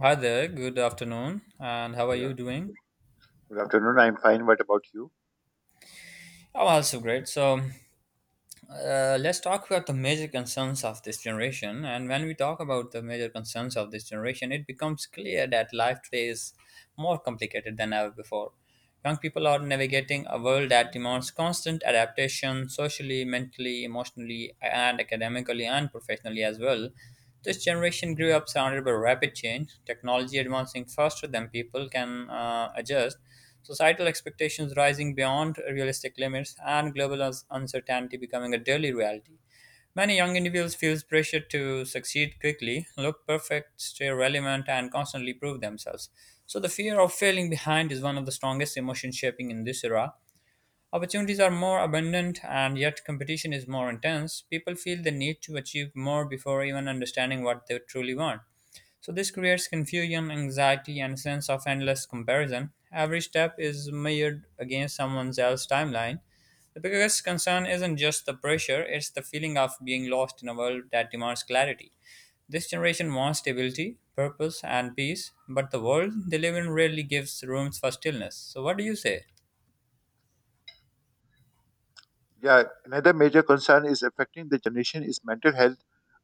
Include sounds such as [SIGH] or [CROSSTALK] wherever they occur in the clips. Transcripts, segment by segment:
Hi there, good afternoon, and how are you Yeah. doing? Good afternoon. I'm fine. What about you? I'm also great. Let's talk about the major concerns of this generation. And when we talk about the major concerns of this generation, it becomes clear that life today is more complicated than ever before. Young people are navigating a world that demands constant adaptation socially, mentally, emotionally, and academically and professionally as well. This generation grew up surrounded by rapid change, technology advancing faster than people can adjust. Societal expectations rising beyond realistic limits and global uncertainty becoming a daily reality. Many young individuals feel pressure to succeed quickly, look perfect, stay relevant, and constantly prove themselves. So, the fear of failing behind is one of the strongest emotions shaping in this era. Opportunities are more abundant and yet competition is more intense. People feel the need to achieve more before even understanding what they truly want. So this creates confusion, anxiety, and a sense of endless comparison. Every step is measured against someone else's timeline. The biggest concern isn't just the pressure, it's the feeling of being lost in a world that demands clarity. This generation wants stability, purpose, and peace, but the world they live in rarely gives rooms for stillness. So, what do you say? Yeah. Another major concern is affecting the generation is mental health.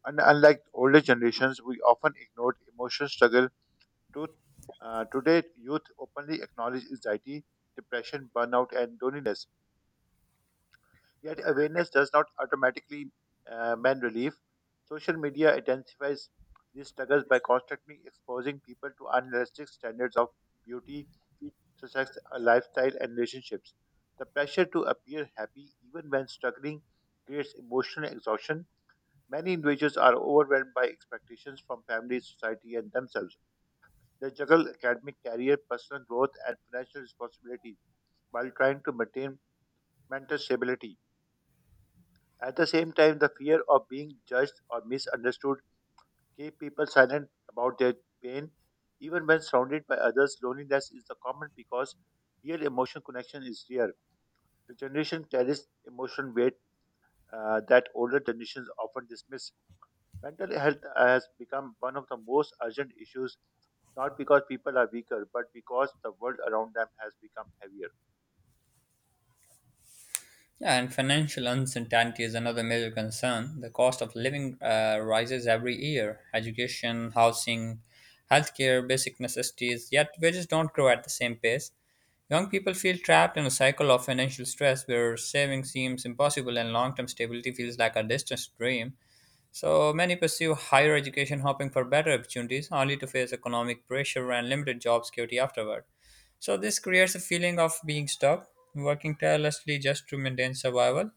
And unlike older generations, we often ignored emotional struggle. To, Today, youth openly acknowledge anxiety, depression, burnout, and loneliness. Yet awareness does not automatically mean relief. Social media intensifies these struggles by constantly exposing people to unrealistic standards of beauty such sex, lifestyle and relationships. The pressure to appear happy even when struggling creates emotional exhaustion. Many individuals are overwhelmed by expectations from family, society, and themselves. They juggle academic career, personal growth, and financial responsibilities while trying to maintain mental stability. At the same time, the fear of being judged or misunderstood keep people silent about their pain. Even when surrounded by others, loneliness is the common because real emotional connection is rare. The generation carries emotional weight that older generations often dismiss. Mental health has become one of the most urgent issues, not because people are weaker, but because the world around them has become heavier. Yeah, and financial uncertainty is another major concern. The cost of living rises every year. Education, housing, healthcare, basic necessities, yet wages don't grow at the same pace. Young people feel trapped in a cycle of financial stress where saving seems impossible and long term stability feels like a distant dream. So many pursue higher education hoping for better opportunities only to face economic pressure and limited job security afterward. So this creates a feeling of being stuck, working tirelessly just to maintain survival.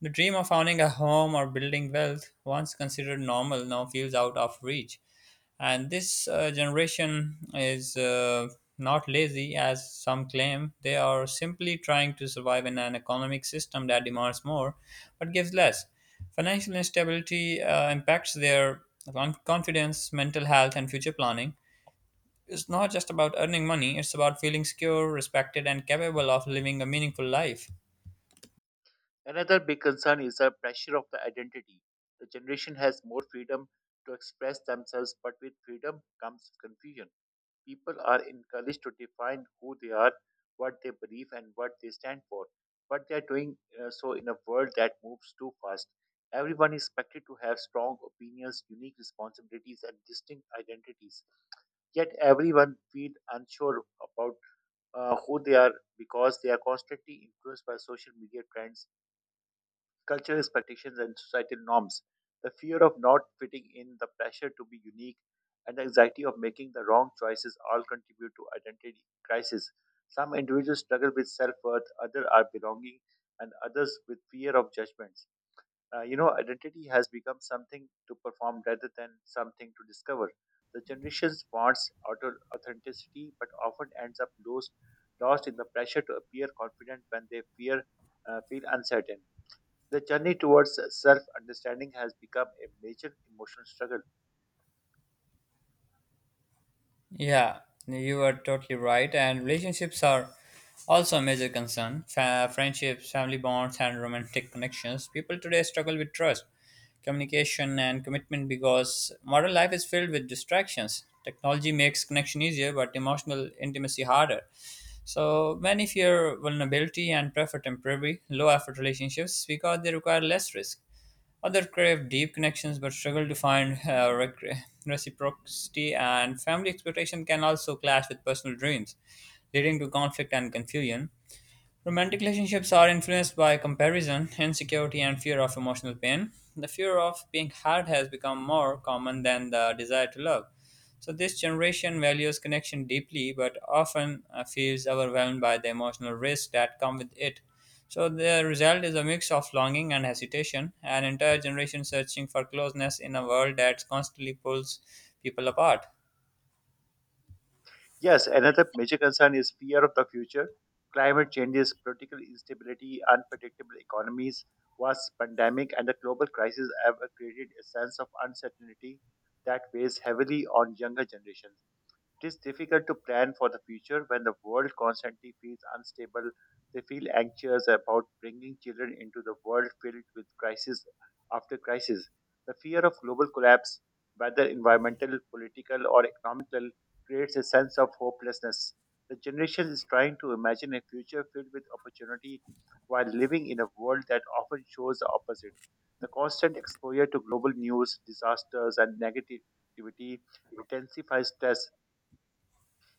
The dream of owning a home or building wealth, once considered normal, now feels out of reach. And this generation is not lazy, as some claim. They are simply trying to survive in an economic system that demands more but gives less. Financial instability impacts their confidence, mental health, and future planning. It's not just about earning money, it's about feeling secure, respected, and capable of living a meaningful life. Another big concern is the pressure of the identity. The generation has more freedom to express themselves, but with freedom comes confusion. People are encouraged to define who they are, what they believe, and what they stand for. But they are doing so in a world that moves too fast. Everyone is expected to have strong opinions, unique responsibilities, and distinct identities. Yet everyone feels unsure about who they are because they are constantly influenced by social media trends, cultural expectations and societal norms, the fear of not fitting in, the pressure to be unique, and the anxiety of making the wrong choices all contribute to identity crisis. Some individuals struggle with self worth, others are belonging, and others with fear of judgments. You know, identity has become something to perform rather than something to discover. The generations wants authenticity, but often ends up lost, lost in the pressure to appear confident when they fear feel uncertain. The journey towards self understanding has become a major emotional struggle. Yeah, you are totally right. And relationships are also a major concern. Friendships, family bonds, and romantic connections. People today struggle with trust, communication, and commitment because modern life is filled with distractions. Technology makes connection easier, but emotional intimacy harder. So many fear vulnerability and prefer temporary, low effort relationships because they require less risk. Others crave deep connections but struggle to find reciprocity, and family expectation can also clash with personal dreams, leading to conflict and confusion. Romantic relationships are influenced by comparison, insecurity, and fear of emotional pain. The fear of being hurt has become more common than the desire to love. So, this generation values connection deeply but often feels overwhelmed by the emotional risks that come with it. So, the result is a mix of longing and hesitation, an entire generation searching for closeness in a world that constantly pulls people apart. Yes, another major concern is fear of the future. Climate changes, political instability, unpredictable economies, vast pandemic, and the global crisis have created a sense of uncertainty that weighs heavily on younger generations. It is difficult to plan for the future when the world constantly feels unstable. They feel anxious about bringing children into the world filled with crisis after crisis. The fear of global collapse, whether environmental, political, or economical, creates a sense of hopelessness. The generation is trying to imagine a future filled with opportunity while living in a world that often shows the opposite. The constant exposure to global news, disasters, and negativity intensifies stress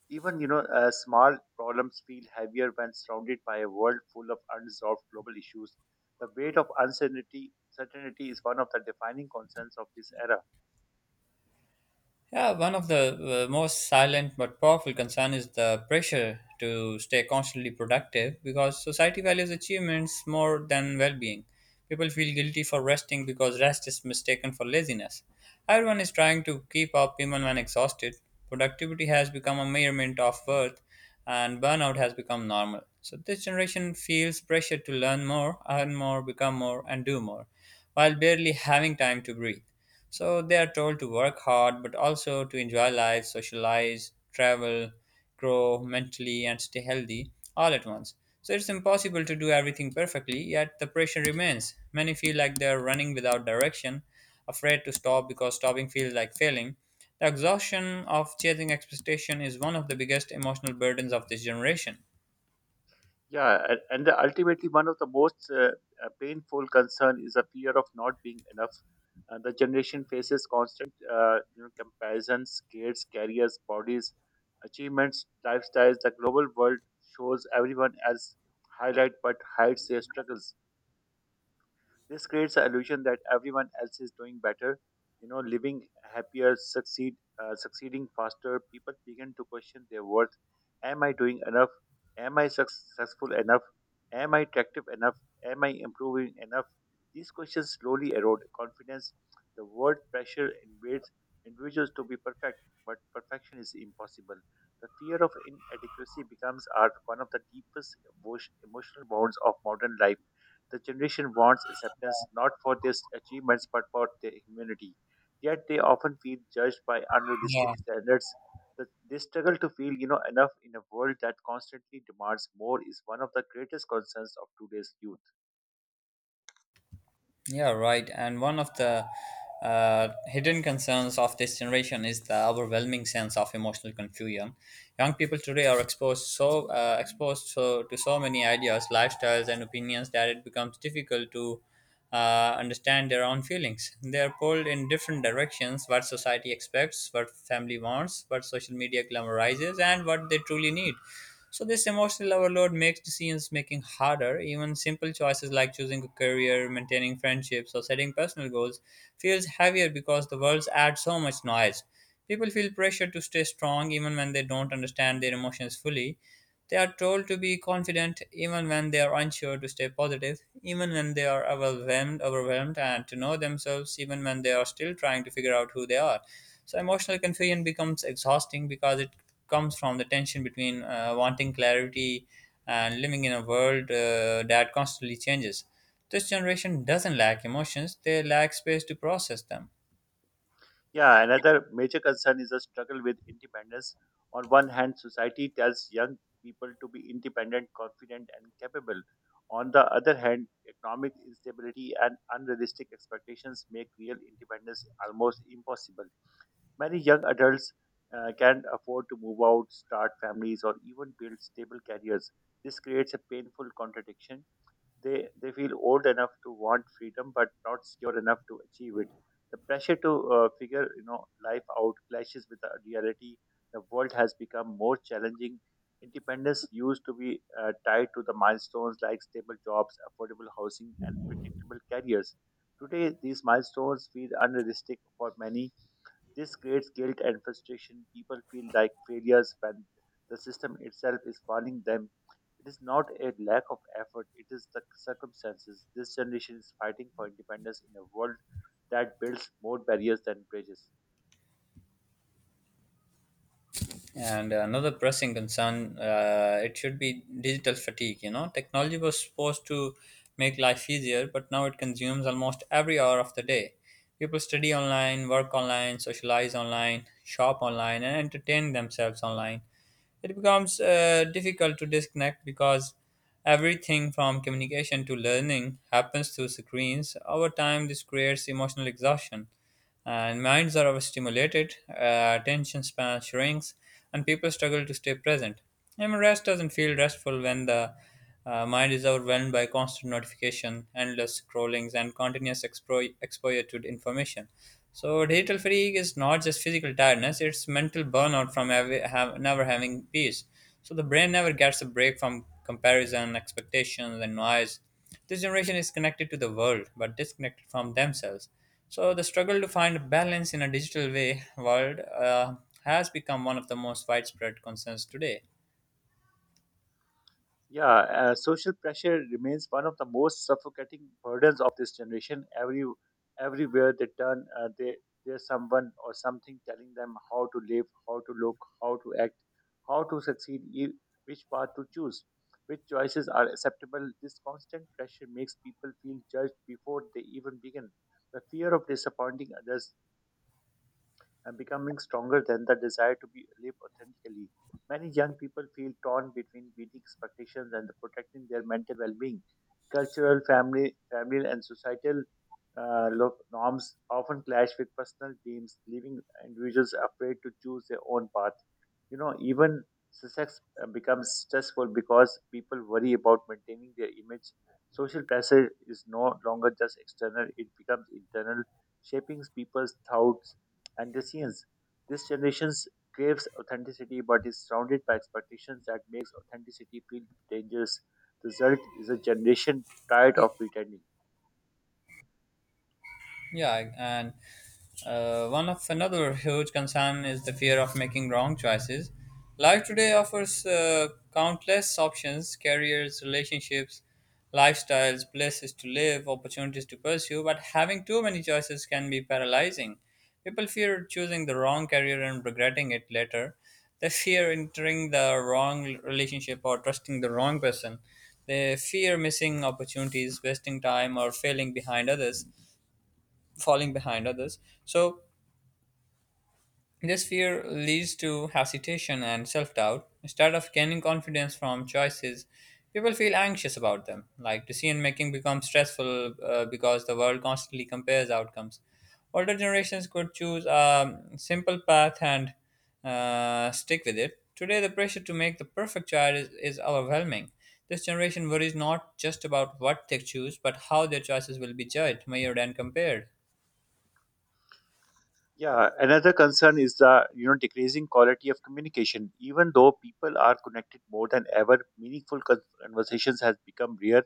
even you know, small problems feel heavier when surrounded by a world full of unresolved global issues. The weight of uncertainty certainty is one of the defining concerns of this era. Yeah, one of the most silent but powerful concern is the pressure to stay constantly productive because society values achievements more than well-being. People feel guilty for resting because rest is mistaken for laziness. Everyone is trying to keep up even when exhausted. Productivity has become a measurement of worth and burnout has become normal. So this generation feels pressure to learn more, earn more, become more and do more while barely having time to breathe. So they are told to work hard, but also to enjoy life, socialize, travel, grow mentally, and stay healthy all at once. So it's impossible to do everything perfectly, yet the pressure remains. Many feel like they're running without direction, afraid to stop because stopping feels like failing. The exhaustion of chasing expectation is one of the biggest emotional burdens of this generation. Yeah, and ultimately, one of the most painful concern is the fear of not being enough. And the generation faces constant, you know, comparisons, grades, careers, bodies, achievements, lifestyles. The global world shows everyone as highlight, but hides their struggles. This creates an illusion that everyone else is doing better, you know, living happier, succeeding faster. People begin to question their worth. Am I doing enough? Am I successful enough? Am I attractive enough? Am I improving enough? These questions slowly erode confidence. The word pressure invades individuals to be perfect, but perfection is impossible. The fear of inadequacy becomes art one of the deepest emotional bonds of modern life. The generation wants acceptance not for their achievements but for their humanity. Yet they often feel judged by Yeah. unrealistic standards. They struggle to feel, you know, enough in a world that constantly demands more is one of the greatest concerns of today's youth. Yeah, right. And one of the hidden concerns of this generation is the overwhelming sense of emotional confusion. Young people today are exposed so to so many ideas, lifestyles, and opinions that it becomes difficult to understand their own feelings. They are pulled in different directions: what society expects, what family wants, what social media glamorizes, and what they truly need. So this emotional overload makes decisions making harder. Even simple choices like choosing a career, maintaining friendships, or setting personal goals feels heavier because the worlds add so much noise. People feel pressure to stay strong even when they don't understand their emotions fully. They are told to be confident even when they are unsure, to stay positive even when they are overwhelmed, and to know themselves even when they are still trying to figure out who they are. So emotional confusion becomes exhausting because it comes from the tension between wanting clarity and living in a world that constantly changes. This generation doesn't lack emotions; they lack space to process them. Yeah, another major concern is a struggle with independence. On one hand, society tells young people to be independent, confident, and capable. On the other hand, economic instability and unrealistic expectations make real independence almost impossible. Many young adults can't afford to move out, start families, or even build stable careers. This creates a painful contradiction. They feel old enough to want freedom, but not secure enough to achieve it. The pressure to figure you know life out clashes with the reality. The world has become more challenging. Independence used to be tied to the milestones like stable jobs, affordable housing, and predictable careers. Today, these milestones feel unrealistic for many. This creates guilt and frustration. People feel like failures when the system itself is failing them. It is not a lack of effort, it is the circumstances. This generation is fighting for independence in a world that builds more barriers than bridges. And another pressing concern, it should be digital fatigue. You know, technology was supposed to make life easier, but now it consumes almost every hour of the day. People study online, work online, socialize online, shop online, and entertain themselves online. It becomes difficult to disconnect because everything from communication to learning happens through screens. Over time, this creates emotional exhaustion and minds are overstimulated, attention span shrinks, and people struggle to stay present. And rest doesn't feel restful when the mind is overwhelmed by constant notification, endless scrollings, and continuous exposure to information. So, digital fatigue is not just physical tiredness, it's mental burnout from never having peace. So, the brain never gets a break from comparison, expectations, and noise. This generation is connected to the world but disconnected from themselves. So, the struggle to find balance in a digital way world has become one of the most widespread concerns today. Yeah, social pressure remains one of the most suffocating burdens of this generation. Everywhere they turn, they there's someone or something telling them how to live, how to look, how to act, how to succeed, which path to choose, which choices are acceptable. This constant pressure makes people feel judged before they even begin. The fear of disappointing others and becoming stronger than the desire to be live authentically. Many young people feel torn between meeting expectations and protecting their mental well-being. Cultural, family, and societal norms often clash with personal dreams, leaving individuals afraid to choose their own path. You know, even success becomes stressful because people worry about maintaining their image. Social pressure is no longer just external; it becomes internal, shaping people's thoughts and the resilience. This generation craves authenticity but is surrounded by expectations that makes authenticity feel dangerous. The result is a generation tired Y- of pretending. Yeah, and one of another huge concern is the fear of making wrong choices. Life today offers countless options, careers, relationships, lifestyles, places to live, opportunities to pursue, but having too many choices can be paralyzing. People fear choosing the wrong career and regretting it later. They fear entering the wrong relationship or trusting the wrong person. They fear missing opportunities, wasting time, or falling behind others. So this fear leads to hesitation and self doubt. Instead of gaining confidence from choices, people feel anxious about them. Like decision making becomes stressful because the world constantly compares outcomes. Older generations could choose a simple path and stick with it. Today, the pressure to make the perfect child is overwhelming. This generation worries not just about what they choose, but how their choices will be judged, measured, and compared. Yeah, another concern is the you know decreasing quality of communication. Even though people are connected more than ever, meaningful conversations has become rare.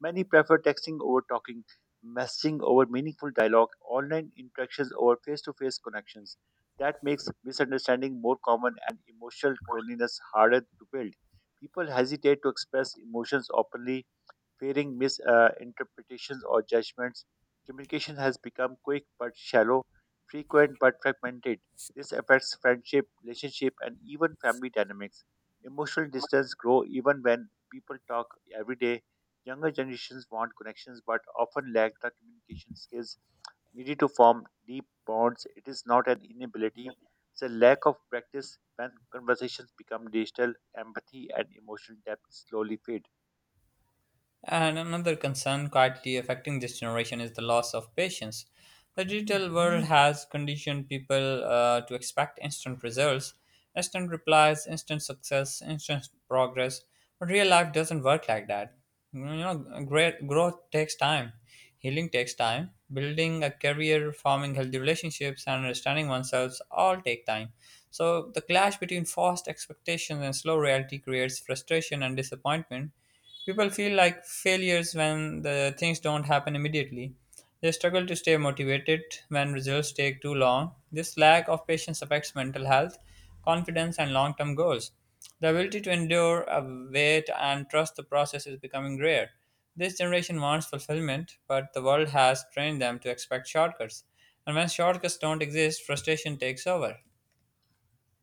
Many prefer texting over talking, messaging over meaningful dialogue, online interactions over face-to-face connections. That makes misunderstanding more common and emotional loneliness harder to build. People hesitate to express emotions openly fearing misinterpretations or judgments. Communication has become quick but shallow, frequent but fragmented. This affects friendship, relationship, and even family dynamics. Emotional distance grow even when people talk every day. Younger generations want connections but often lack the communication skills needed to form deep bonds. It is not an inability, it's a lack of practice. When conversations become digital, empathy and emotional depth slowly fade. And another concern quietly affecting this generation is the loss of patience. The digital world has conditioned people to expect instant results, instant replies, instant success, instant progress. But real life doesn't work like that. You know, great growth takes time, healing takes time, building a career, forming healthy relationships, and understanding oneself all take time. So the clash between fast expectations and slow reality creates frustration and disappointment. People feel like failures when the things don't happen immediately. They struggle to stay motivated when results take too long. This lack of patience affects mental health, confidence, and long term goals. The ability to endure, wait, and trust the process is becoming rare. This generation wants fulfillment, but the world has trained them to expect shortcuts. And when shortcuts don't exist, frustration takes over.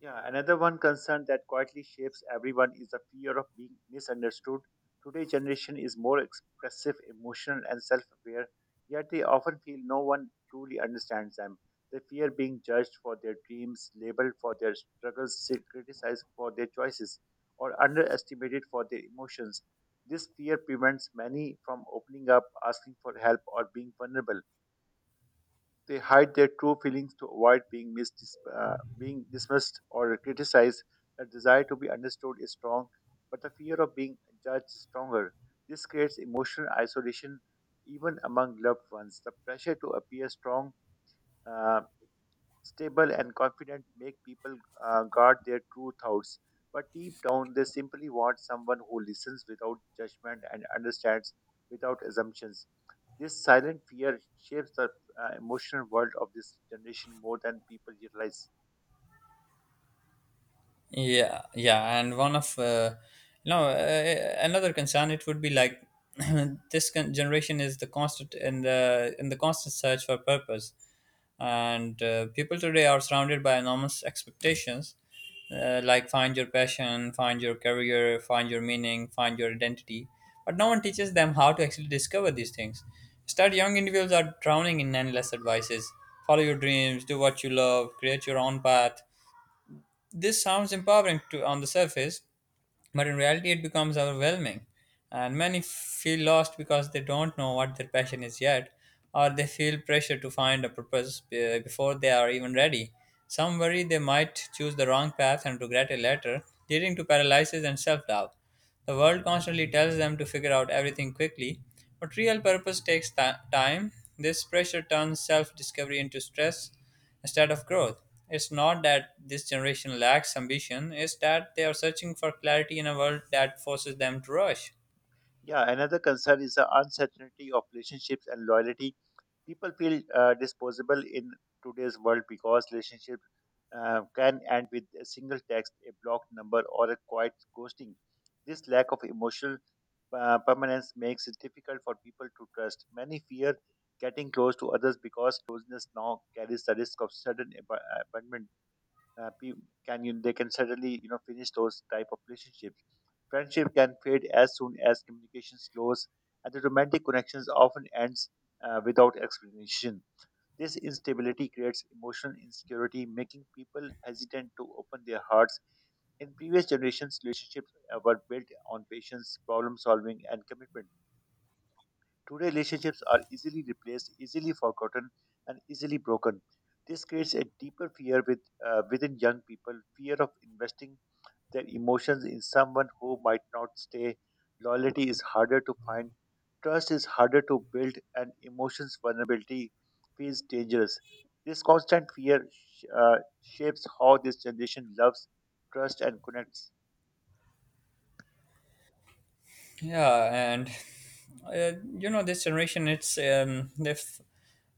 Yeah, another one concern that quietly shapes everyone is the fear of being misunderstood. Today's generation is more expressive, emotional, and self aware, yet they often feel no one truly understands them. They fear being judged for their dreams, labeled for their struggles, criticized for their choices, or underestimated for their emotions. This fear prevents many from opening up, asking for help, or being vulnerable. They hide their true feelings to avoid being dismissed or criticized. The desire to be understood is strong, but the fear of being judged is stronger. This creates emotional isolation even among loved ones. The pressure to appear strong, uh, stable, and confident make people guard their true thoughts. But deep down, they simply want someone who listens without judgment and understands without assumptions. This silent fear shapes the emotional world of this generation more than people realize. Yeah, yeah, and one of you know another concern it would be like [CLEARS THROAT] this generation is the constant in the constant search for purpose, and people today are surrounded by enormous expectations, like find your passion, find your career, find your meaning, find your identity, but no one teaches them how to actually discover these things. Start young individuals are drowning in endless advices. Follow your dreams, do what you love, create your own path. This sounds empowering to, on the surface, but in reality, it becomes overwhelming. And many feel lost because they don't know what their passion is yet, or they feel pressure to find a purpose before they are even ready. Some worry they might choose the wrong path and regret it later, leading to paralysis and self doubt. The world constantly tells them to figure out everything quickly, but real purpose takes time. This pressure turns self discovery into stress instead of growth. It's not that this generation lacks ambition, it's that they are searching for clarity in a world that forces them to rush. Yeah, another concern is the uncertainty of relationships and loyalty. People feel disposable in today's world because relationships can end with a single text, a blocked number, or a quiet ghosting. This lack of emotional permanence makes it difficult for people to trust. Many fear getting close to others because closeness now carries the risk of sudden abandonment. uh, pe- can you, they can suddenly you know finish those type of relationships. Friendship can fade as soon as communication slows, and the romantic connections often ends without explanation. This instability creates emotional insecurity, making people hesitant to open their hearts. In previous generations, relationships were built on patience, problem solving and commitment. Today relationships are easily replaced, easily forgotten, and easily broken. This creates a deeper fear within young people, fear of investing their emotions in someone who might not stay. Loyalty is harder to find, trust is harder to build, and emotions vulnerability feels dangerous. This constant fear shapes how this generation loves, trusts, and connects. Yeah, and you know this generation, it's um, they f-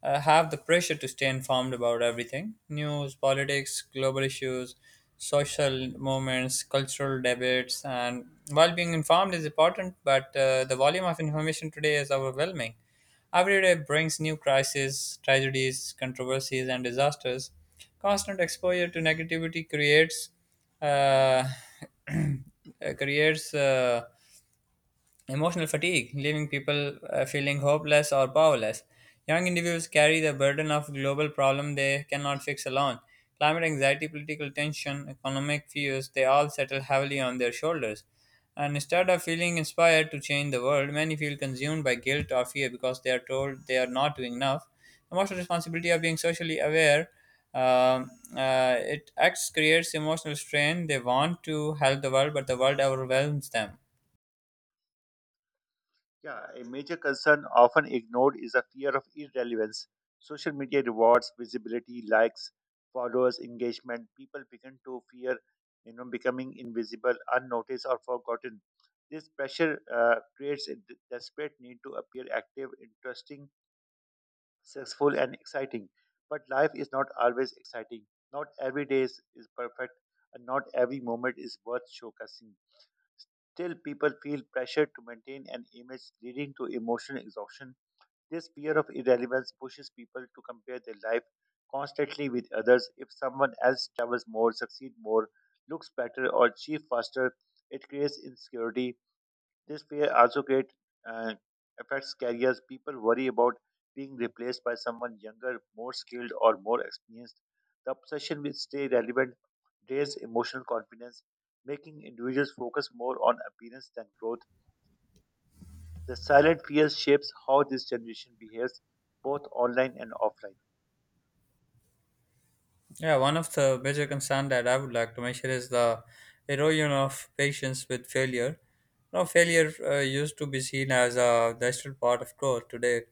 uh, have the pressure to stay informed about everything: news, politics, global issues, social movements, cultural debates. And While being informed is important, but the volume of information today is overwhelming. Every day brings new crises, tragedies, controversies, and disasters. Constant exposure to negativity creates uh, [CLEARS THROAT] creates emotional fatigue, leaving people feeling hopeless or powerless. Young individuals carry the burden of global problems they cannot fix alone. Climate anxiety, political tension, economic fears, they all settle heavily on their shoulders. And instead of feeling inspired to change the world, many feel consumed by guilt or fear because they are told they are not doing enough. Emotional responsibility of being socially aware, um, it acts creates emotional strain. They want to help the world, but the world overwhelms them. Yeah, a major concern often ignored is a fear of irrelevance. Social media rewards visibility, likes, followers, engagement. People begin to fear, you know, becoming invisible, unnoticed, or forgotten. This pressure creates a desperate need to appear active, interesting, successful, and exciting. But life is not always exciting. Not every day is perfect, and not every moment is worth showcasing. Still, people feel pressure to maintain an image, leading to emotional exhaustion. This fear of irrelevance pushes people to compare their life constantly with others. If someone else travels more, succeeds more, looks better, or achieves faster, it creates insecurity. This fear also great uh, affects careers. People worry about being replaced by someone younger, more skilled, or more experienced. The obsession with stay relevant drains emotional confidence, making individuals focus more on appearance than growth. The silent fear shapes how this generation behaves, both online and offline. Yeah, one of the major concern that I would like to mention is the erosion of patience with failure. Now, failure used to be seen as a natural part of growth. Today,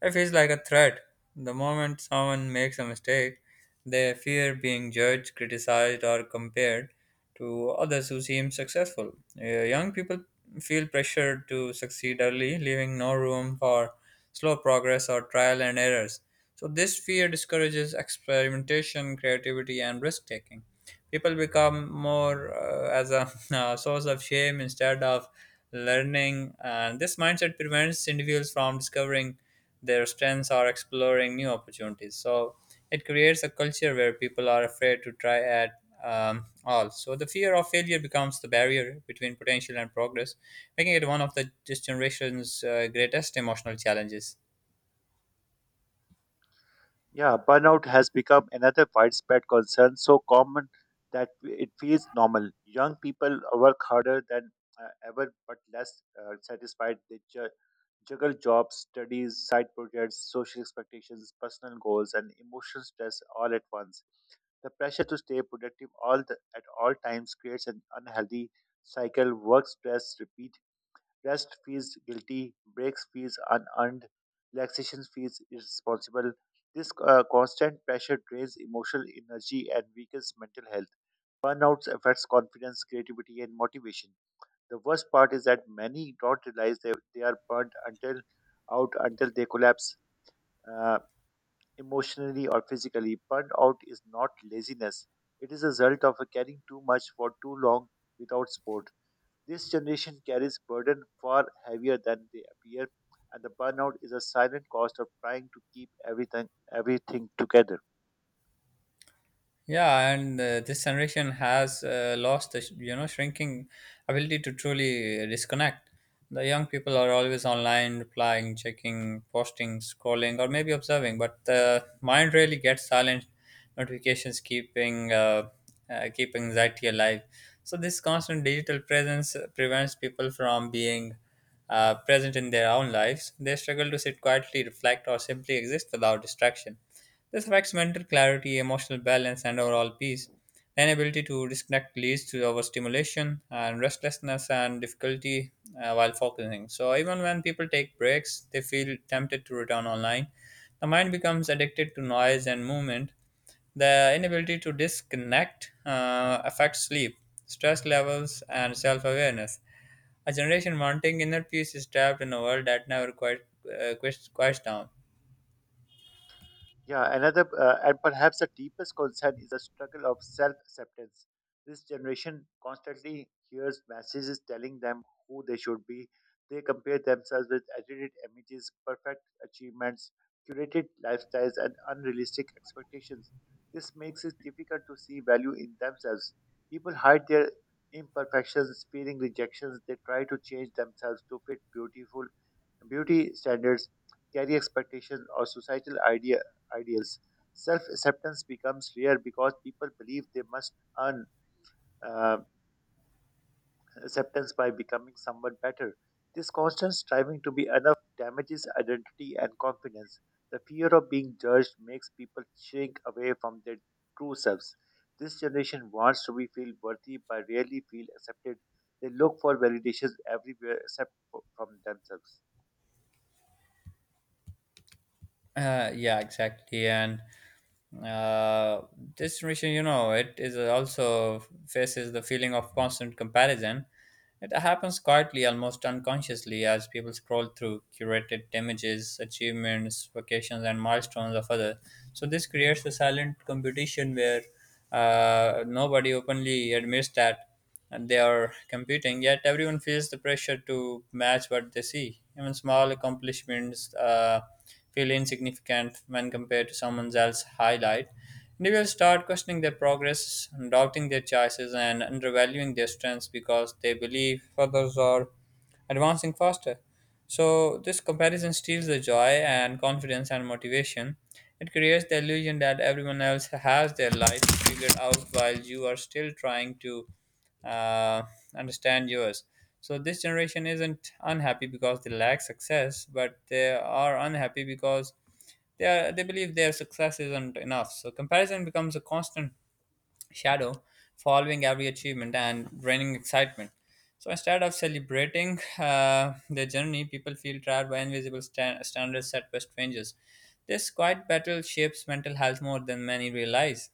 it feels like a threat. The moment someone makes a mistake, they fear being judged, criticized, or compared to others who seem successful. Young people feel pressured to succeed early, leaving no room for slow progress or trial and errors. So, this fear discourages experimentation, creativity, and risk taking. People become more as a [LAUGHS] source of shame instead of learning, and this mindset prevents individuals from discovering their strengths are exploring new opportunities. So it creates a culture where people are afraid to try at all. So the fear of failure becomes the barrier between potential and progress, making it one of the this generation's greatest emotional challenges. Yeah, burnout has become another widespread concern, so common that it feels normal. Young people work harder than ever, but less satisfied. Juggle jobs, studies, side projects, social expectations, personal goals, and emotional stress all at once. The pressure to stay productive at all times creates an unhealthy cycle. Work stress, repeat. Rest feels guilty, breaks feels unearned, relaxation feels irresponsible. This constant pressure drains emotional energy and weakens mental health. Burnouts affects confidence, creativity, and motivation. The worst part is that many don't realize they are burned until out until they collapse uh, emotionally or physically. Burnout is not laziness; it is a result of carrying too much for too long without support. This generation carries burden far heavier than they appear, and the burnout is a silent cost of trying to keep everything together. Yeah, and this generation has lost the you know shrinking ability to truly disconnect. The young people are always online, replying, checking, posting, scrolling, or maybe observing, but the mind really gets silent. Notifications keep anxiety alive. So this constant digital presence prevents people from being present in their own lives. They struggle to sit quietly, reflect, or simply exist without distraction. This affects mental clarity, emotional balance, and overall peace. The inability to disconnect leads to overstimulation and restlessness and difficulty while focusing. So, even when people take breaks, they feel tempted to return online. The mind becomes addicted to noise and movement. The inability to disconnect affects sleep, stress levels, and self awareness. A generation wanting inner peace is trapped in a world that never quite quiets down. Yeah, another and perhaps the deepest concern is the struggle of self-acceptance. This generation constantly hears messages telling them who they should be. They compare themselves with edited images, perfect achievements, curated lifestyles, and unrealistic expectations. This makes it difficult to see value in themselves. People hide their imperfections, feeling rejections. They try to change themselves to fit beautiful beauty standards, career expectations, or societal ideals. Self acceptance becomes rare because people believe they must earn uh, acceptance by becoming someone better. This constant striving to be enough damages identity and confidence. The fear of being judged makes people shrink away from their true selves. This generation wants to be feel worthy but rarely feel accepted. They look for validations everywhere except for, from themselves. Yeah, exactly. And uh, this generation, you know, it is also faces the feeling of constant comparison. It happens quietly, almost unconsciously, as people scroll through curated images, achievements, vacations, and milestones of others. So this creates a silent competition where nobody openly admits that, and they are competing, yet everyone feels the pressure to match what they see. Even small accomplishments feel insignificant when compared to someone else's highlight. Individuals start questioning their progress, doubting their choices, and undervaluing their strengths because they believe others are advancing faster. So, this comparison steals the joy and confidence and motivation. It creates the illusion that everyone else has their life figured out while you are still trying to uh, understand yours. So, this generation isn't unhappy because they lack success, but they are unhappy because they believe their success isn't enough. So, comparison becomes a constant shadow following every achievement and draining excitement. So instead of celebrating the journey, people feel trapped by invisible standards set by strangers. This quiet battle shapes mental health more than many realize.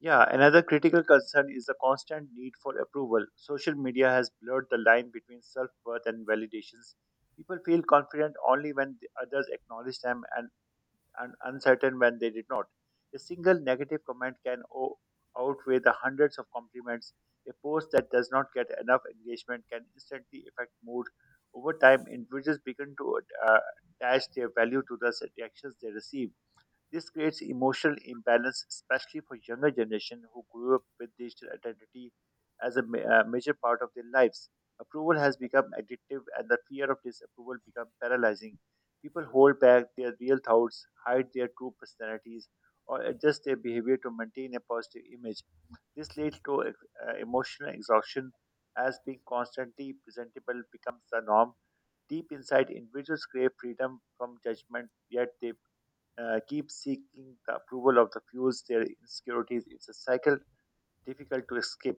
Yeah, another critical concern is the constant need for approval. Social media has blurred the line between self worth and validations. People feel confident only when the others acknowledge them and uncertain when they did not. A single negative comment can outweigh the hundreds of compliments. A post that does not get enough engagement can instantly affect mood. Over time, individuals begin to uh, attach their value to the reactions they receive. This creates emotional imbalance, especially for younger generation who grew up with digital identity as a major part of their lives. Approval has become addictive, and the fear of disapproval becomes paralyzing. People hold back their real thoughts, hide their true personalities, or adjust their behavior to maintain a positive image. This leads to emotional exhaustion as being constantly presentable becomes the norm. Deep inside, individuals crave freedom from judgment, yet they keep seeking the approval of the fuels their insecurities. It's a cycle difficult to escape.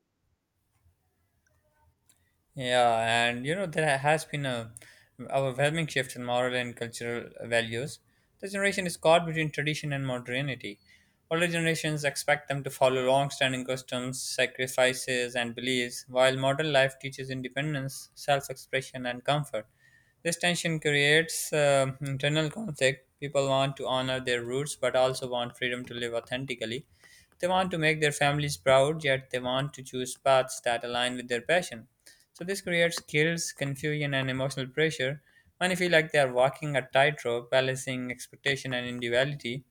Yeah, and you know, there has been a overwhelming shift in moral and cultural values. The generation is caught between tradition and modernity. Older generations expect them to follow long standing customs, sacrifices, and beliefs, while modern life teaches independence, self expression, and comfort. This tension creates internal conflict. People want to honor their roots but also want freedom to live authentically. They want to make their families proud, yet they want to choose paths that align with their passion. So this creates guilt, confusion, and emotional pressure. Many feel like they are walking a tightrope, balancing expectation and individuality.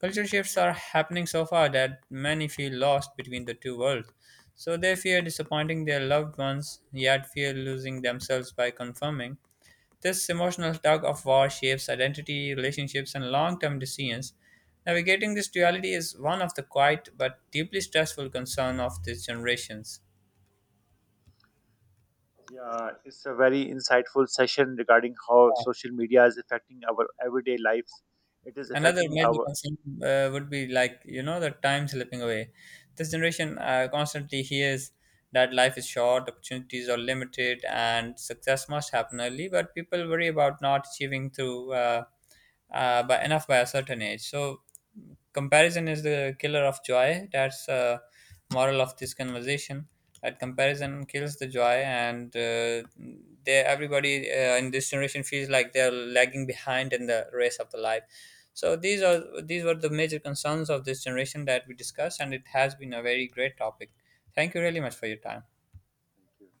Culture shifts are happening so far that many feel lost between the two worlds. So they fear disappointing their loved ones, yet fear losing themselves by conforming. This emotional tug of war shapes identity, relationships, and long term decisions. Navigating this duality is one of the quiet but deeply stressful concerns of these generations. Yeah, it's a very insightful session regarding how social media is affecting our everyday lives. It is Another affecting major our. concern would be like you know the time slipping away. This generation constantly hears that life is short, opportunities are limited, and success must happen early. But people worry about not achieving through by enough by a certain age. So comparison is the killer of joy. That's moral of this conversation. That comparison kills the joy, and they everybody in this generation feels like they're lagging behind in the race of the life. So these were the major concerns of this generation that we discussed, and it has been a very great topic. Thank you really much for your time. Thank you.